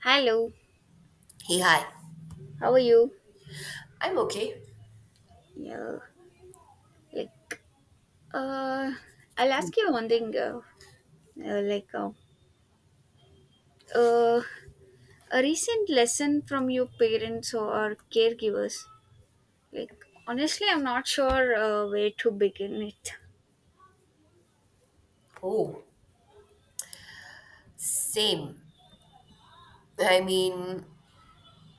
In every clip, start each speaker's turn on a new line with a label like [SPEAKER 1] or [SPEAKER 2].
[SPEAKER 1] Hello,
[SPEAKER 2] Hey, hi.
[SPEAKER 1] how are you?
[SPEAKER 2] I'm okay.
[SPEAKER 1] Yeah, like, uh, I'll ask you one thing. Uh, like, uh, uh, a recent lesson from your parents or caregivers. Like, Honestly, I'm not sure where to begin it.
[SPEAKER 2] Oh, same. I mean,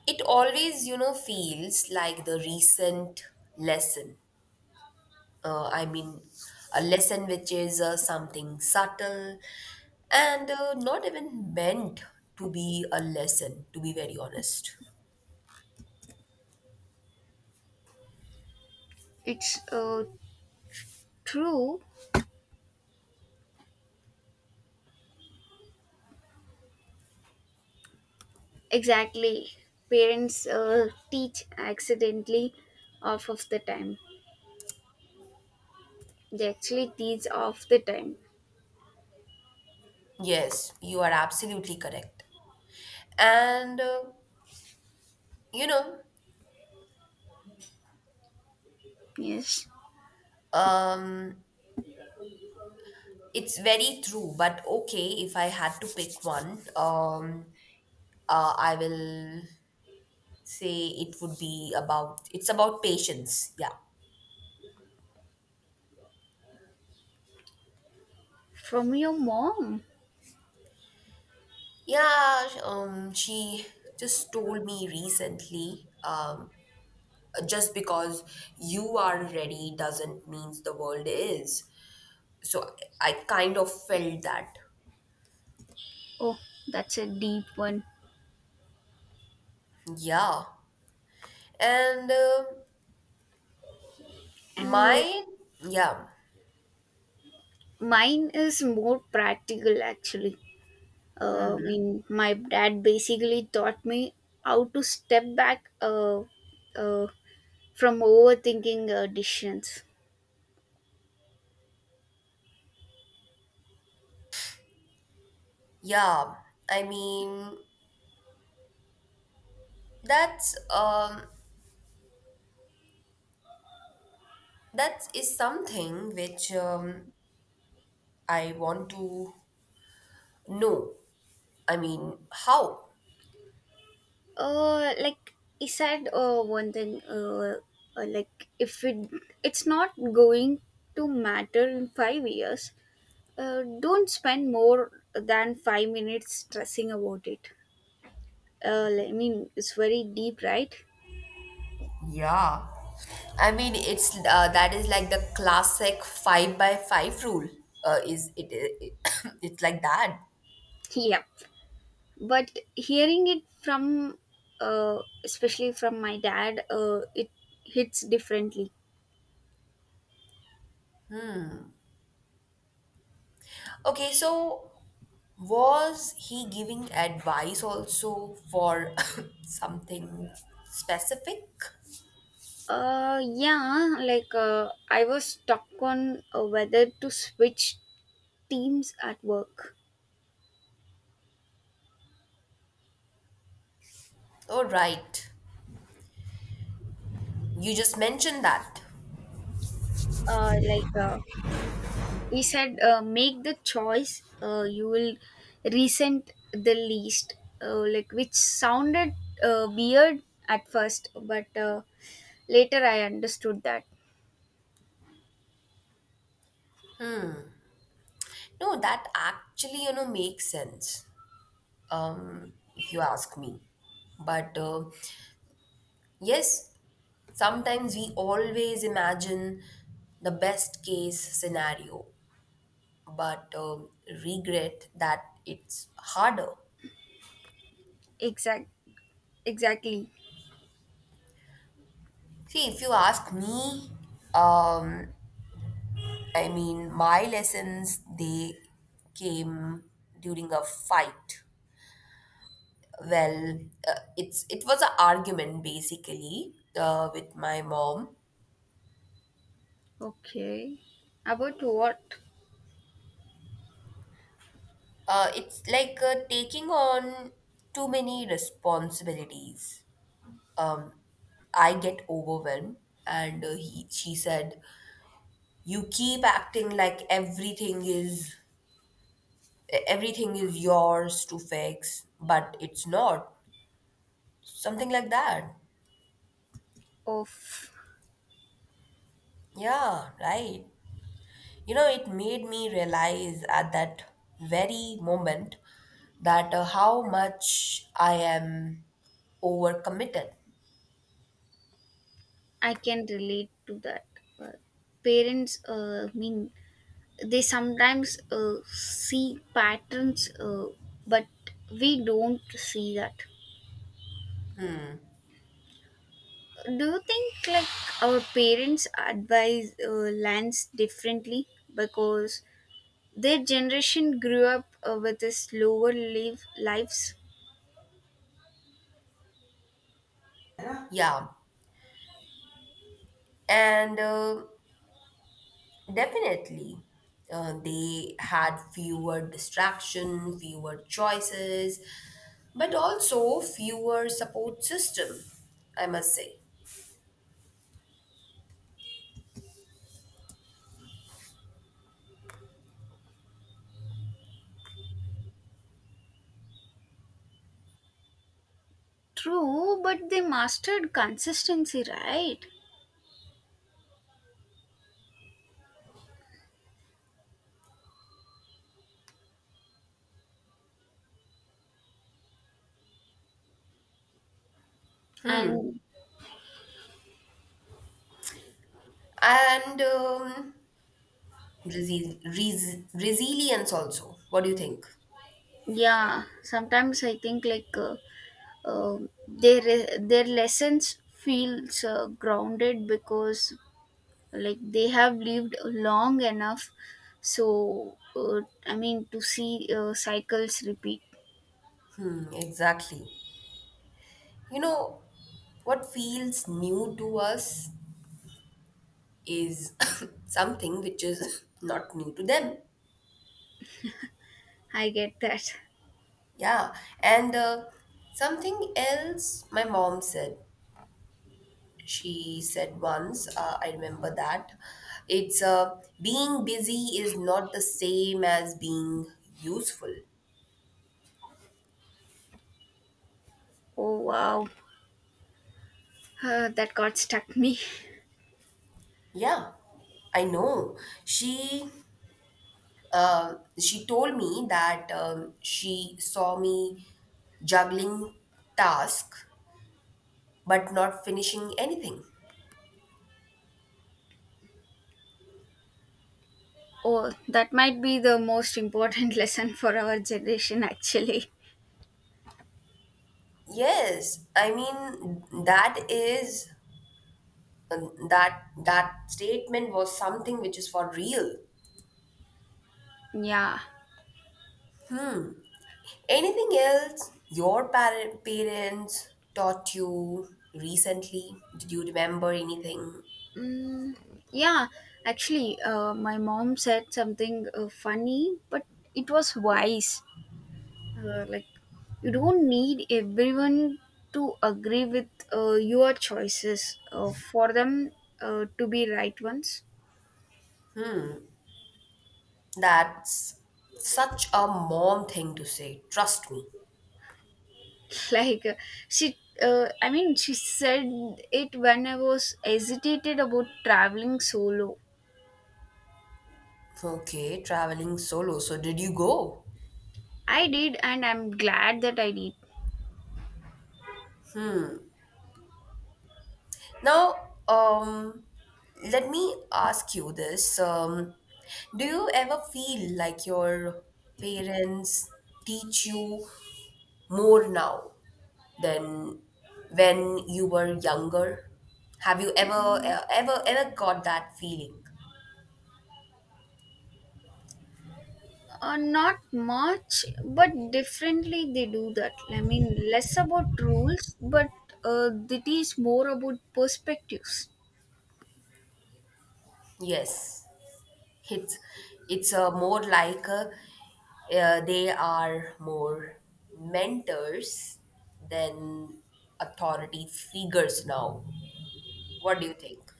[SPEAKER 2] it always feels like the recent lesson. I mean, a lesson which is something subtle and not even meant to be a lesson, to be very honest.
[SPEAKER 1] It's true, exactly. Parents teach accidentally off of the time. They actually teach off the time.
[SPEAKER 2] Yes, you are absolutely correct. And, you know,
[SPEAKER 1] Yes,
[SPEAKER 2] um, it's very true, but okay, if I had to pick one, I will say it would be about it's about patience. Yeah,
[SPEAKER 1] from your mom.
[SPEAKER 2] yeah. She just told me recently. Just because you are ready doesn't means the world is. So I kind of felt that.
[SPEAKER 1] Oh, that's a deep one.
[SPEAKER 2] Yeah, and
[SPEAKER 1] And like
[SPEAKER 2] my yeah,
[SPEAKER 1] mine is more practical actually. I mean, my dad basically taught me how to step back uh, from overthinking decisions.
[SPEAKER 2] yeah. I mean that's um that is something which I want to know. I mean, how?
[SPEAKER 1] He said, one thing, if it's not going to matter in 5 years, don't spend more than 5 minutes stressing about it. I mean, it's very deep, right?
[SPEAKER 2] Yeah. I mean, it's that is like the classic five by five rule. Is it? It's like that.
[SPEAKER 1] Yeah, but hearing it from uh, especially from my dad it hits differently.
[SPEAKER 2] Okay, so was he giving advice also for something specific?
[SPEAKER 1] I was stuck on whether to switch teams at work.
[SPEAKER 2] Oh, right. You just mentioned that.
[SPEAKER 1] uh like uh, he said, make the choice you will resent the least, which sounded weird at first, but later I understood that.
[SPEAKER 2] No, that actually, makes sense. If you ask me. But yes, sometimes we always imagine the best case scenario, but regret that it's harder.
[SPEAKER 1] exact exactly.
[SPEAKER 2] See, if you ask me, um, I mean, my lessons they came during a fight. Well, it was an argument basically with my mom.
[SPEAKER 1] Okay. About what
[SPEAKER 2] It's like taking on too many responsibilities. um, I get overwhelmed. And she said, "You keep acting like everything is yours to fix, but it's not." Something like that.
[SPEAKER 1] of?
[SPEAKER 2] Yeah, right. You know, it made me realize at that very moment that how much I am overcommitted.
[SPEAKER 1] I can relate to that. Uh, Parents, mean they sometimes see patterns, but we don't see that. Do you think like our parents' advise lands differently because their generation grew up with a slower live lives?
[SPEAKER 2] Yeah, and, definitely. They had fewer distraction, fewer choices, but also fewer support system, I must say.
[SPEAKER 1] True, but they mastered consistency, right? And
[SPEAKER 2] And resilience also. What do you think?
[SPEAKER 1] yeah sometimes I think like uh, their lessons feels grounded because like they have lived long enough, so I mean to see cycles repeat.
[SPEAKER 2] Mm, exactly. You know, what feels new to us is something which is not new to them.
[SPEAKER 1] I get that.
[SPEAKER 2] Yeah. And something else my mom said she said once. I remember that. It's being busy is not the same as being useful.
[SPEAKER 1] Oh wow. That got stuck me.
[SPEAKER 2] Yeah, I know. She she told me that she saw me juggling tasks but not finishing anything.
[SPEAKER 1] Oh, that might be the most important lesson for our generation actually.
[SPEAKER 2] Yes, I mean that is, that that statement was something which is for real.
[SPEAKER 1] Yeah.
[SPEAKER 2] Anything else your parents taught you recently? Did you remember anything?
[SPEAKER 1] Mm, yeah, actually, my mom said something funny, but it was wise. Uh, like, you don't need everyone to agree with your choices for them to be right ones.
[SPEAKER 2] That's such a mom thing to say, trust me.
[SPEAKER 1] Like, she, I mean, she said it when I was hesitated about traveling solo.
[SPEAKER 2] Okay, traveling solo. So, did you go?
[SPEAKER 1] I did, and I'm glad that I did.
[SPEAKER 2] Now, um, let me ask you this. Do you ever feel like your parents teach you more now than when you were younger? Have you ever got that feeling?
[SPEAKER 1] Not much, but differently they do that. I mean, less about rules, but it is more about perspectives.
[SPEAKER 2] Yes, it's it's a more like, they are more mentors than authority figures now. What do you think?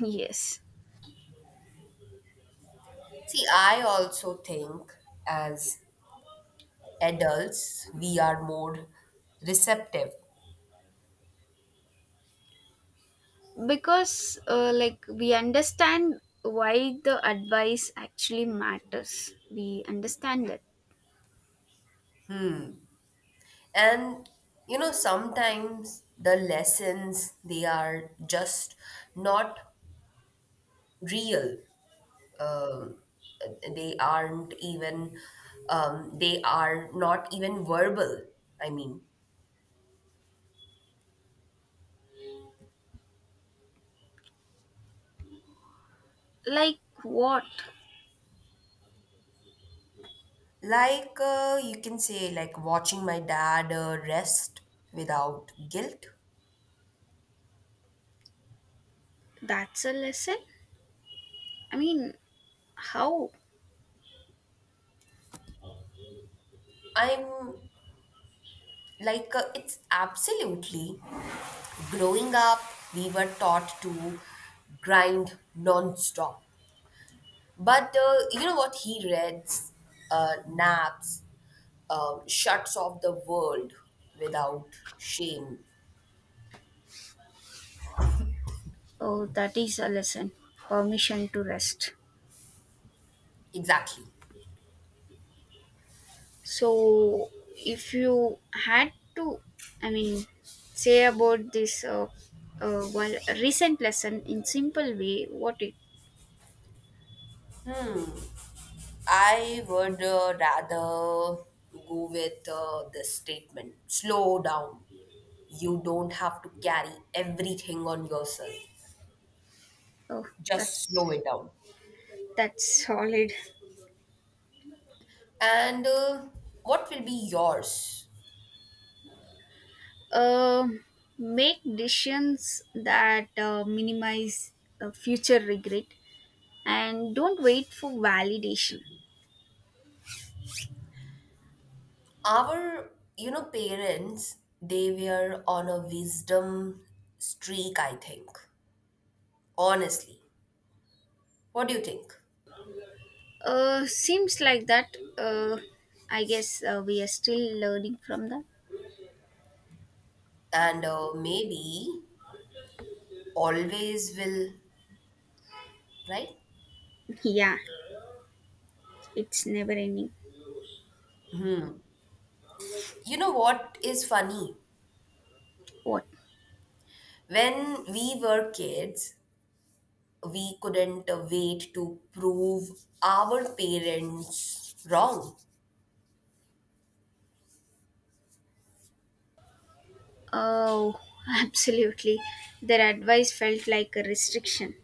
[SPEAKER 1] Yes,
[SPEAKER 2] See, I also think as adults, we are more receptive.
[SPEAKER 1] because we understand why the advice actually matters. We understand that.
[SPEAKER 2] And you know, sometimes the lessons they are just not real. Um, they aren't even. They are not even verbal. I mean,
[SPEAKER 1] Like what?
[SPEAKER 2] like you can say, like watching my dad rest without guilt.
[SPEAKER 1] That's a lesson. I mean, how?
[SPEAKER 2] I'm like it's absolutely growing up. We were taught to grind non-stop. But you know what, he reads, naps, shuts off the world without shame.
[SPEAKER 1] Oh, that is a lesson. Permission to rest.
[SPEAKER 2] Exactly.
[SPEAKER 1] So, if you had to, I mean, say about this well, recent lesson in simple way, what it?
[SPEAKER 2] I would rather go with this statement: slow down. You don't have to carry everything on yourself,
[SPEAKER 1] Oh,
[SPEAKER 2] just
[SPEAKER 1] that's
[SPEAKER 2] slow it down.
[SPEAKER 1] that's solid.
[SPEAKER 2] And what will be yours?
[SPEAKER 1] Um, Make decisions that minimize future regret, and don't wait for validation.
[SPEAKER 2] Our parents, they were on a wisdom streak, I think. Honestly, what do you think?
[SPEAKER 1] Seems like that. I guess we are still learning from that.
[SPEAKER 2] And maybe always will, right?
[SPEAKER 1] Yeah, it's never ending.
[SPEAKER 2] You know what is funny?
[SPEAKER 1] What?
[SPEAKER 2] When we were kids, we couldn't wait to prove our parents wrong.
[SPEAKER 1] Oh, absolutely. Their advice felt like a restriction.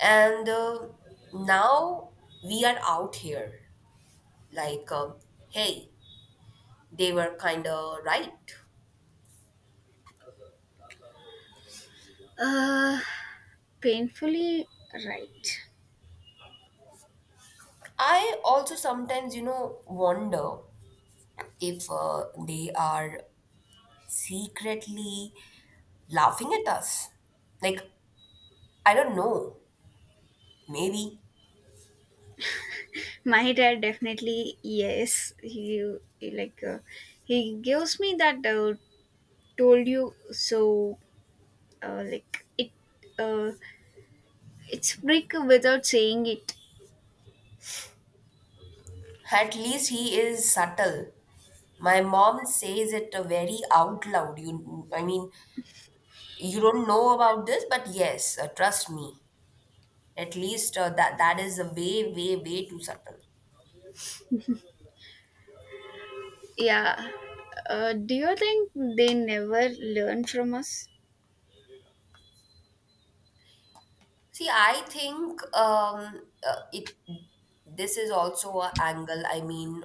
[SPEAKER 2] And now we are out here like, hey, they were kind of right.
[SPEAKER 1] Uh, Painfully right.
[SPEAKER 2] I also sometimes, wonder if they are secretly laughing at us. Like, I don't know, maybe.
[SPEAKER 1] My dad definitely yes. He gives me that, told you so. Uh, like it. Uh, it's break without saying it.
[SPEAKER 2] At least he is subtle. My mom says it very out loud. You, I mean, you don't know about this, but yes, trust me. At least that that is a way, way, way too subtle.
[SPEAKER 1] Yeah. Do you think they never learn from us?
[SPEAKER 2] See, I think it. This is also an angle. I mean,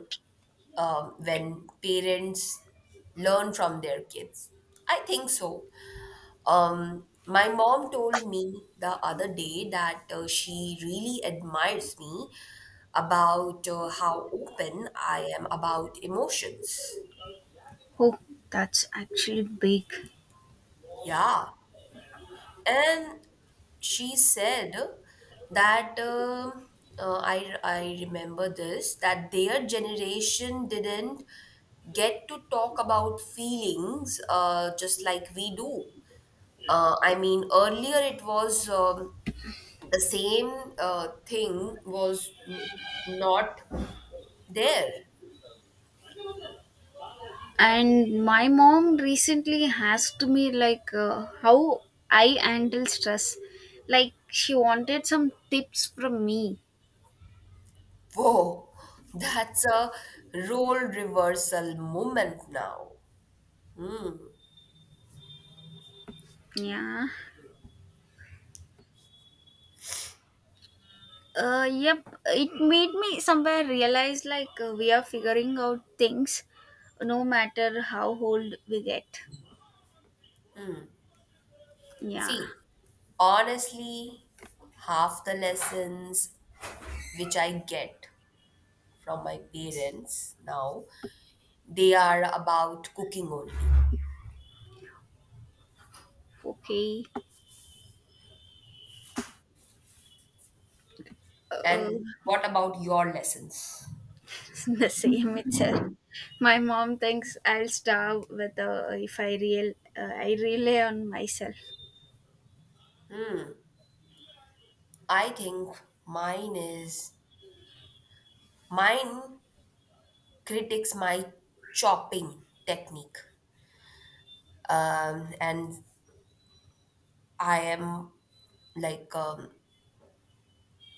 [SPEAKER 2] when parents learn from their kids. I think so. My mom told me the other day that she really admires me about how open I am about emotions.
[SPEAKER 1] Oh, that's actually big.
[SPEAKER 2] Yeah. And she said that I remember this, that their generation didn't get to talk about feelings just like we do. I mean, earlier it was. The same thing was not there.
[SPEAKER 1] And my mom recently asked me how I handle stress, like she wanted some tips from me.
[SPEAKER 2] Whoa, that's a role reversal moment now.
[SPEAKER 1] Yeah. Yep, it made me somewhere realize we are figuring out things, no matter how old we get. Yeah.
[SPEAKER 2] See, honestly, half the lessons which I get from my parents now, they are about cooking only.
[SPEAKER 1] Okay. uh,
[SPEAKER 2] And what about your lessons?
[SPEAKER 1] the same itself. My mom thinks I'll starve with if I real I rely on myself.
[SPEAKER 2] I think mine is mine critiques my chopping technique, and I am like,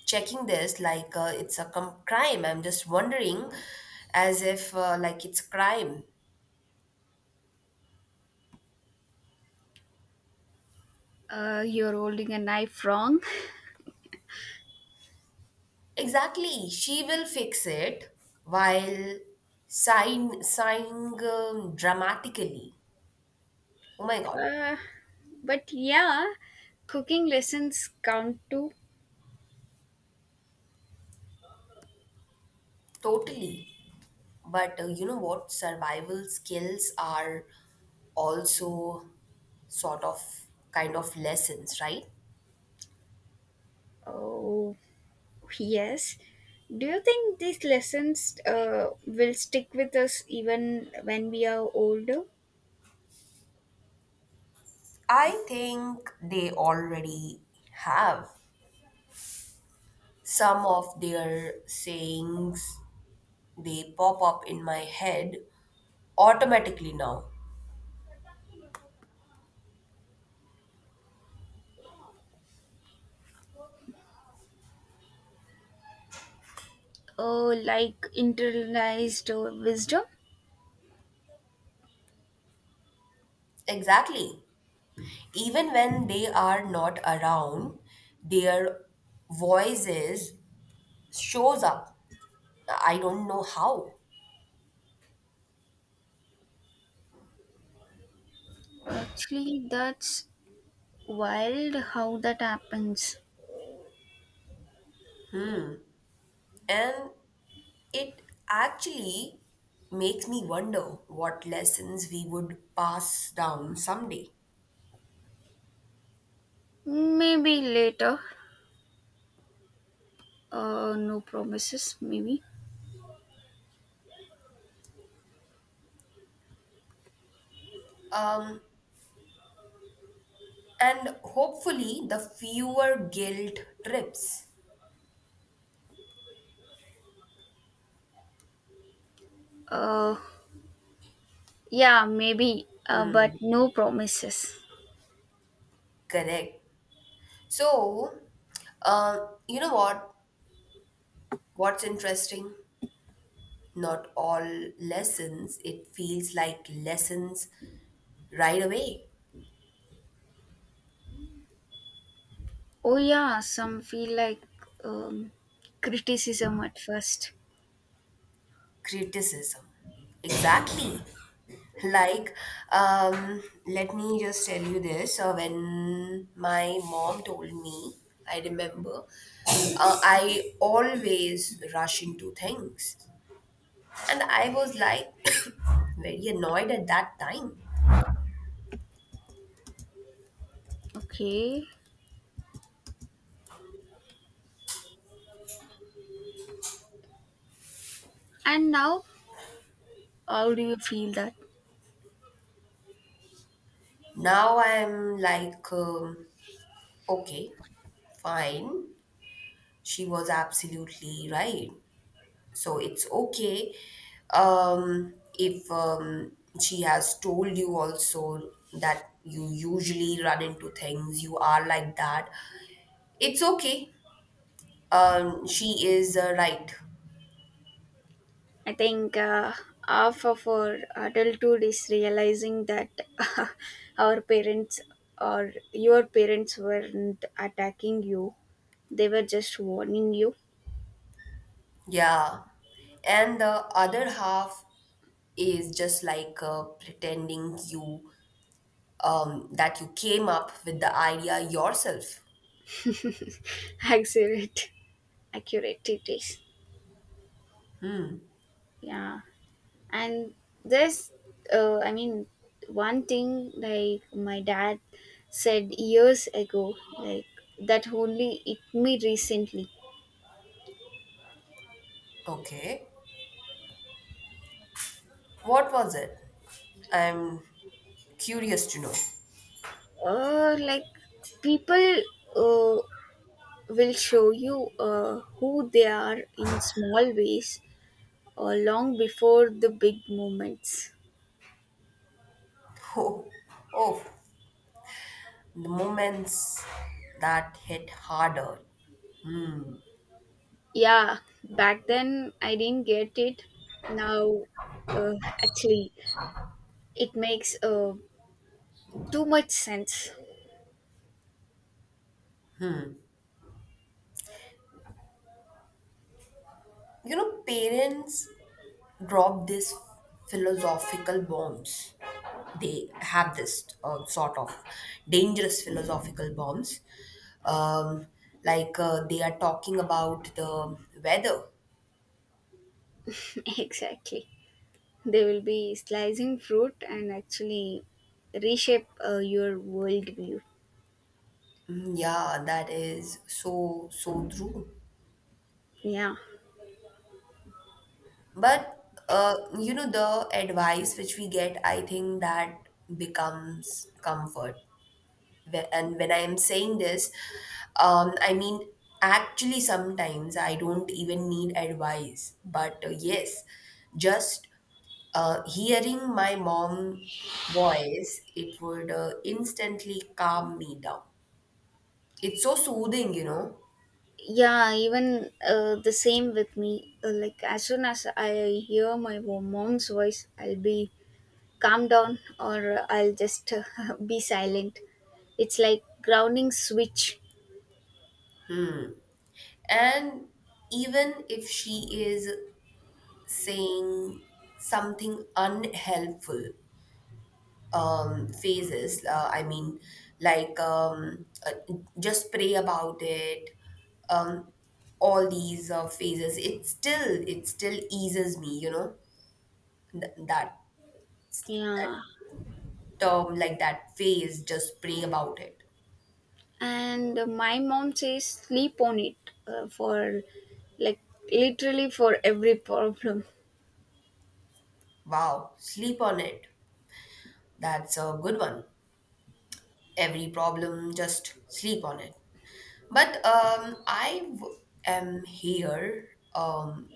[SPEAKER 2] checking this like it's a crime. I'm just wondering, as if like it's crime.
[SPEAKER 1] You're holding a knife wrong.
[SPEAKER 2] Exactly, she will fix it while sign sighing, dramatically. Oh my god,
[SPEAKER 1] Uh, but yeah, cooking lessons count too.
[SPEAKER 2] totally. But you know what? Survival skills are also sort of kind of lessons, right?
[SPEAKER 1] Oh, yes. Do you think these lessons will stick with us even when we are older?
[SPEAKER 2] I think they already have. Some of their sayings they pop up in my head automatically now.
[SPEAKER 1] Oh, like internalized wisdom?
[SPEAKER 2] Exactly. Even when they are not around, their voices shows up. I don't know how.
[SPEAKER 1] Actually, that's wild how that happens.
[SPEAKER 2] And it actually makes me wonder what lessons we would pass down someday.
[SPEAKER 1] Maybe later. No promises, maybe.
[SPEAKER 2] Um and hopefully the fewer guilt trips
[SPEAKER 1] Uh, yeah, maybe, but no promises.
[SPEAKER 2] correct. So, uh, you know what's interesting, not all lessons it feels like lessons right away.
[SPEAKER 1] Oh, yeah, some feel like um, criticism at first.
[SPEAKER 2] Criticism, exactly. Like, let me just tell you this. When my mom told me, I remember, I always rush into things. And I was like, very annoyed at that time.
[SPEAKER 1] Okay. And now, how do you feel that?
[SPEAKER 2] Now I'm like, okay, fine. She was absolutely right. So it's okay, if she has told you also that you usually run into things, you are like that. It's okay. She is right.
[SPEAKER 1] I think half of our adulthood is realizing that our parents or your parents weren't attacking you, they were just warning you.
[SPEAKER 2] Yeah. And the other half is just like pretending you that you came up with the idea yourself.
[SPEAKER 1] Accurate, accurate it is. Yeah. And this I mean, one thing like my dad said years ago like that only hit me recently.
[SPEAKER 2] Okay. What was it? I'm curious to know.
[SPEAKER 1] uh like People uh, will show you who they are in small ways or long before the big moments.
[SPEAKER 2] Oh, oh, the moments that hit harder.
[SPEAKER 1] Yeah, back then I didn't get it. Now uh, actually it makes too much sense.
[SPEAKER 2] You know, parents drop these philosophical bombs. They have this sort of dangerous philosophical bombs. Um, like, they are talking about the weather.
[SPEAKER 1] Exactly. They will be slicing fruit and actually reshape your worldview.
[SPEAKER 2] Mm, yeah, that is so, so true.
[SPEAKER 1] Yeah.
[SPEAKER 2] But the advice which we get, I think that becomes comfort. And when I'm saying this, I mean, actually, sometimes I don't even need advice. But yes, just hearing my mom voice, it would instantly calm me down. It's so soothing, you know.
[SPEAKER 1] Yeah, even the same with me. As soon as I hear my mom's voice, I'll be calm down, or I'll just be silent. It's like grounding switch.
[SPEAKER 2] And even if she is saying something unhelpful, phases. I mean, like, just pray about it. Um, all these phases. It still eases me. You know. Th- that
[SPEAKER 1] Yeah.
[SPEAKER 2] that term, like that phase. Just pray about it.
[SPEAKER 1] And my mom says sleep on it, for like literally for every problem.
[SPEAKER 2] Wow, sleep on it. That's a good one. Every problem, just sleep on it. But I am here.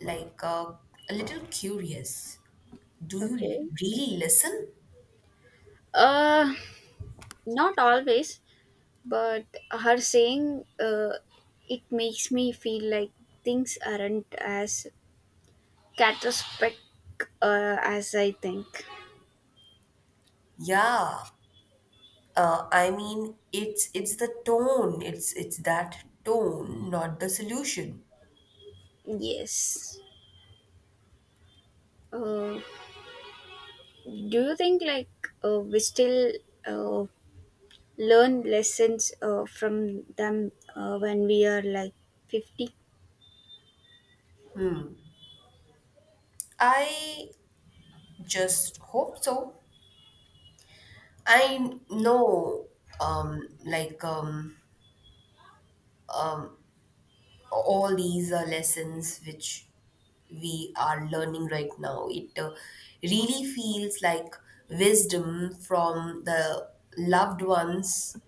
[SPEAKER 2] Like a little curious. Do you
[SPEAKER 1] Okay.
[SPEAKER 2] really listen?
[SPEAKER 1] Uh, Not always, but her saying it makes me feel like things aren't as catastrophic as I think.
[SPEAKER 2] Yeah. I mean, it's the tone. It's that tone, not the solution.
[SPEAKER 1] Yes. uh, do you think we still uh, learn lessons from them when we are like 50?
[SPEAKER 2] I just hope so. I know, um, like um, um, all these lessons which we are learning right now. It really feels like wisdom from the loved ones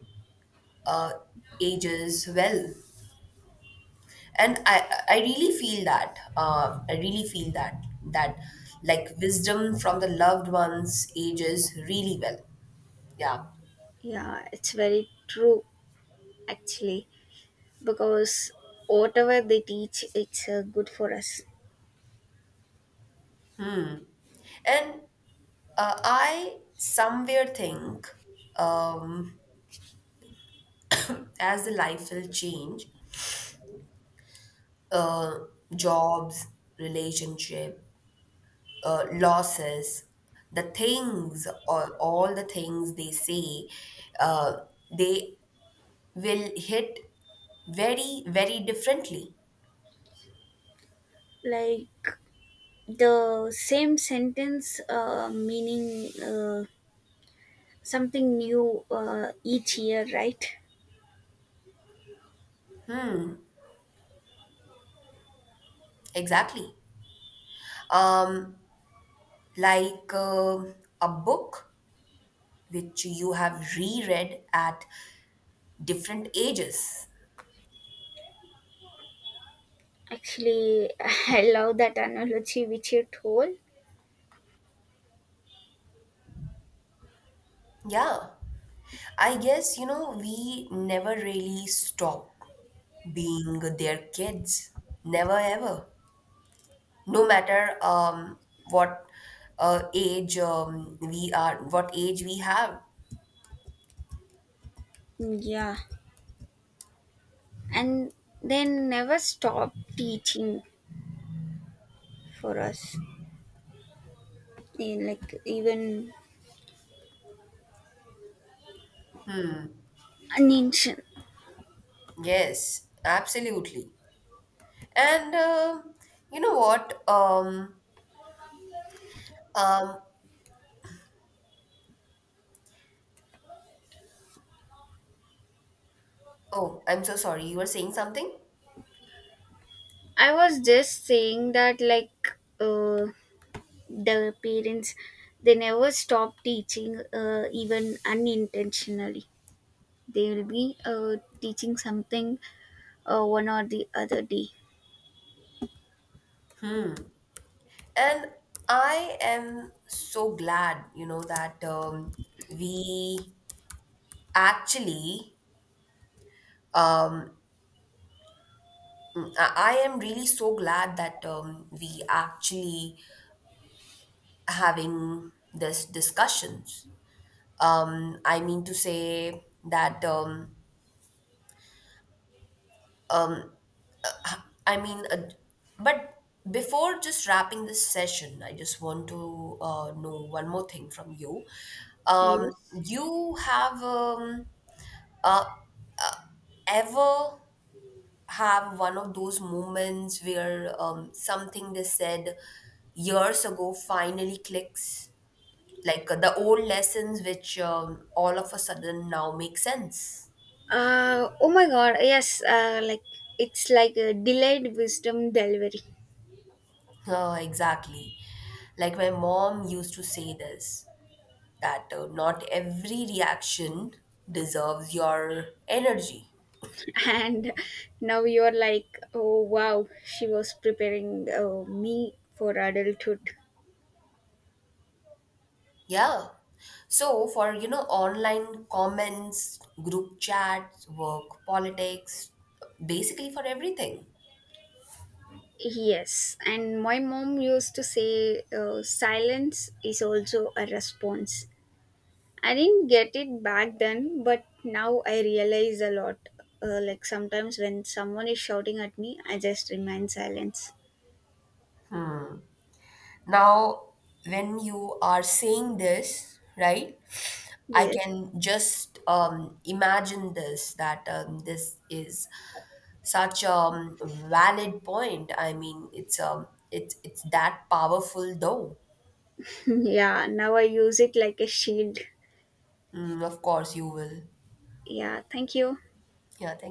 [SPEAKER 2] uh, ages well. And I really feel that, I really feel that, that like wisdom from the loved ones ages really well. Yeah.
[SPEAKER 1] Yeah, it's very true actually, because whatever they teach, it's good for us.
[SPEAKER 2] And I somewhere think, um, as the life will change, uh, jobs, relationship, losses, the things or all the things they say, uh, they will hit very, very differently.
[SPEAKER 1] Like the same sentence meaning something new each year, right?
[SPEAKER 2] Exactly. Um, like a book which you have reread at different ages.
[SPEAKER 1] Actually, I love that analogy which you told.
[SPEAKER 2] Yeah. I guess, we never really stop being their kids. Never ever. No matter what age we are, what age we have.
[SPEAKER 1] Yeah, and they never stop teaching for us, eh, like even
[SPEAKER 2] Hmm.
[SPEAKER 1] an ancient.
[SPEAKER 2] Yes, absolutely. And you know what? Um, oh, I'm so sorry. You were saying something,
[SPEAKER 1] I was just saying that, like, uh, the parents they never stop teaching, even unintentionally. They will be teaching something one or the other day.
[SPEAKER 2] and I am so glad, that we actually. Um, I am really so glad that we actually having this discussions. I mean to say that um, I mean, uh, but before just wrapping this session, I just want to know one more thing from you. Um,
[SPEAKER 1] Yes.
[SPEAKER 2] you have uh, ever have one of those moments where something they said years ago finally clicks, like the old lessons which all of a sudden now make sense.
[SPEAKER 1] Oh my god, yes, it's like a delayed wisdom delivery.
[SPEAKER 2] Exactly. Like my mom used to say this, that not every reaction deserves your energy.
[SPEAKER 1] And now you're like, oh wow, she was preparing me for adulthood.
[SPEAKER 2] Yeah. So for online comments, group chats, work, politics, basically for everything.
[SPEAKER 1] Yes, and my mom used to say silence is also a response. I didn't get it back then, but now I realize a lot. Sometimes when someone is shouting at me, I just remain silence.
[SPEAKER 2] Now when you are saying this, right? I
[SPEAKER 1] Yes.
[SPEAKER 2] can just imagine this, that this is such a valid point. I mean, it's that powerful though.
[SPEAKER 1] Yeah, now I use it like a shield.
[SPEAKER 2] Mm, of course you will.
[SPEAKER 1] Yeah, thank you.
[SPEAKER 2] Yeah, thank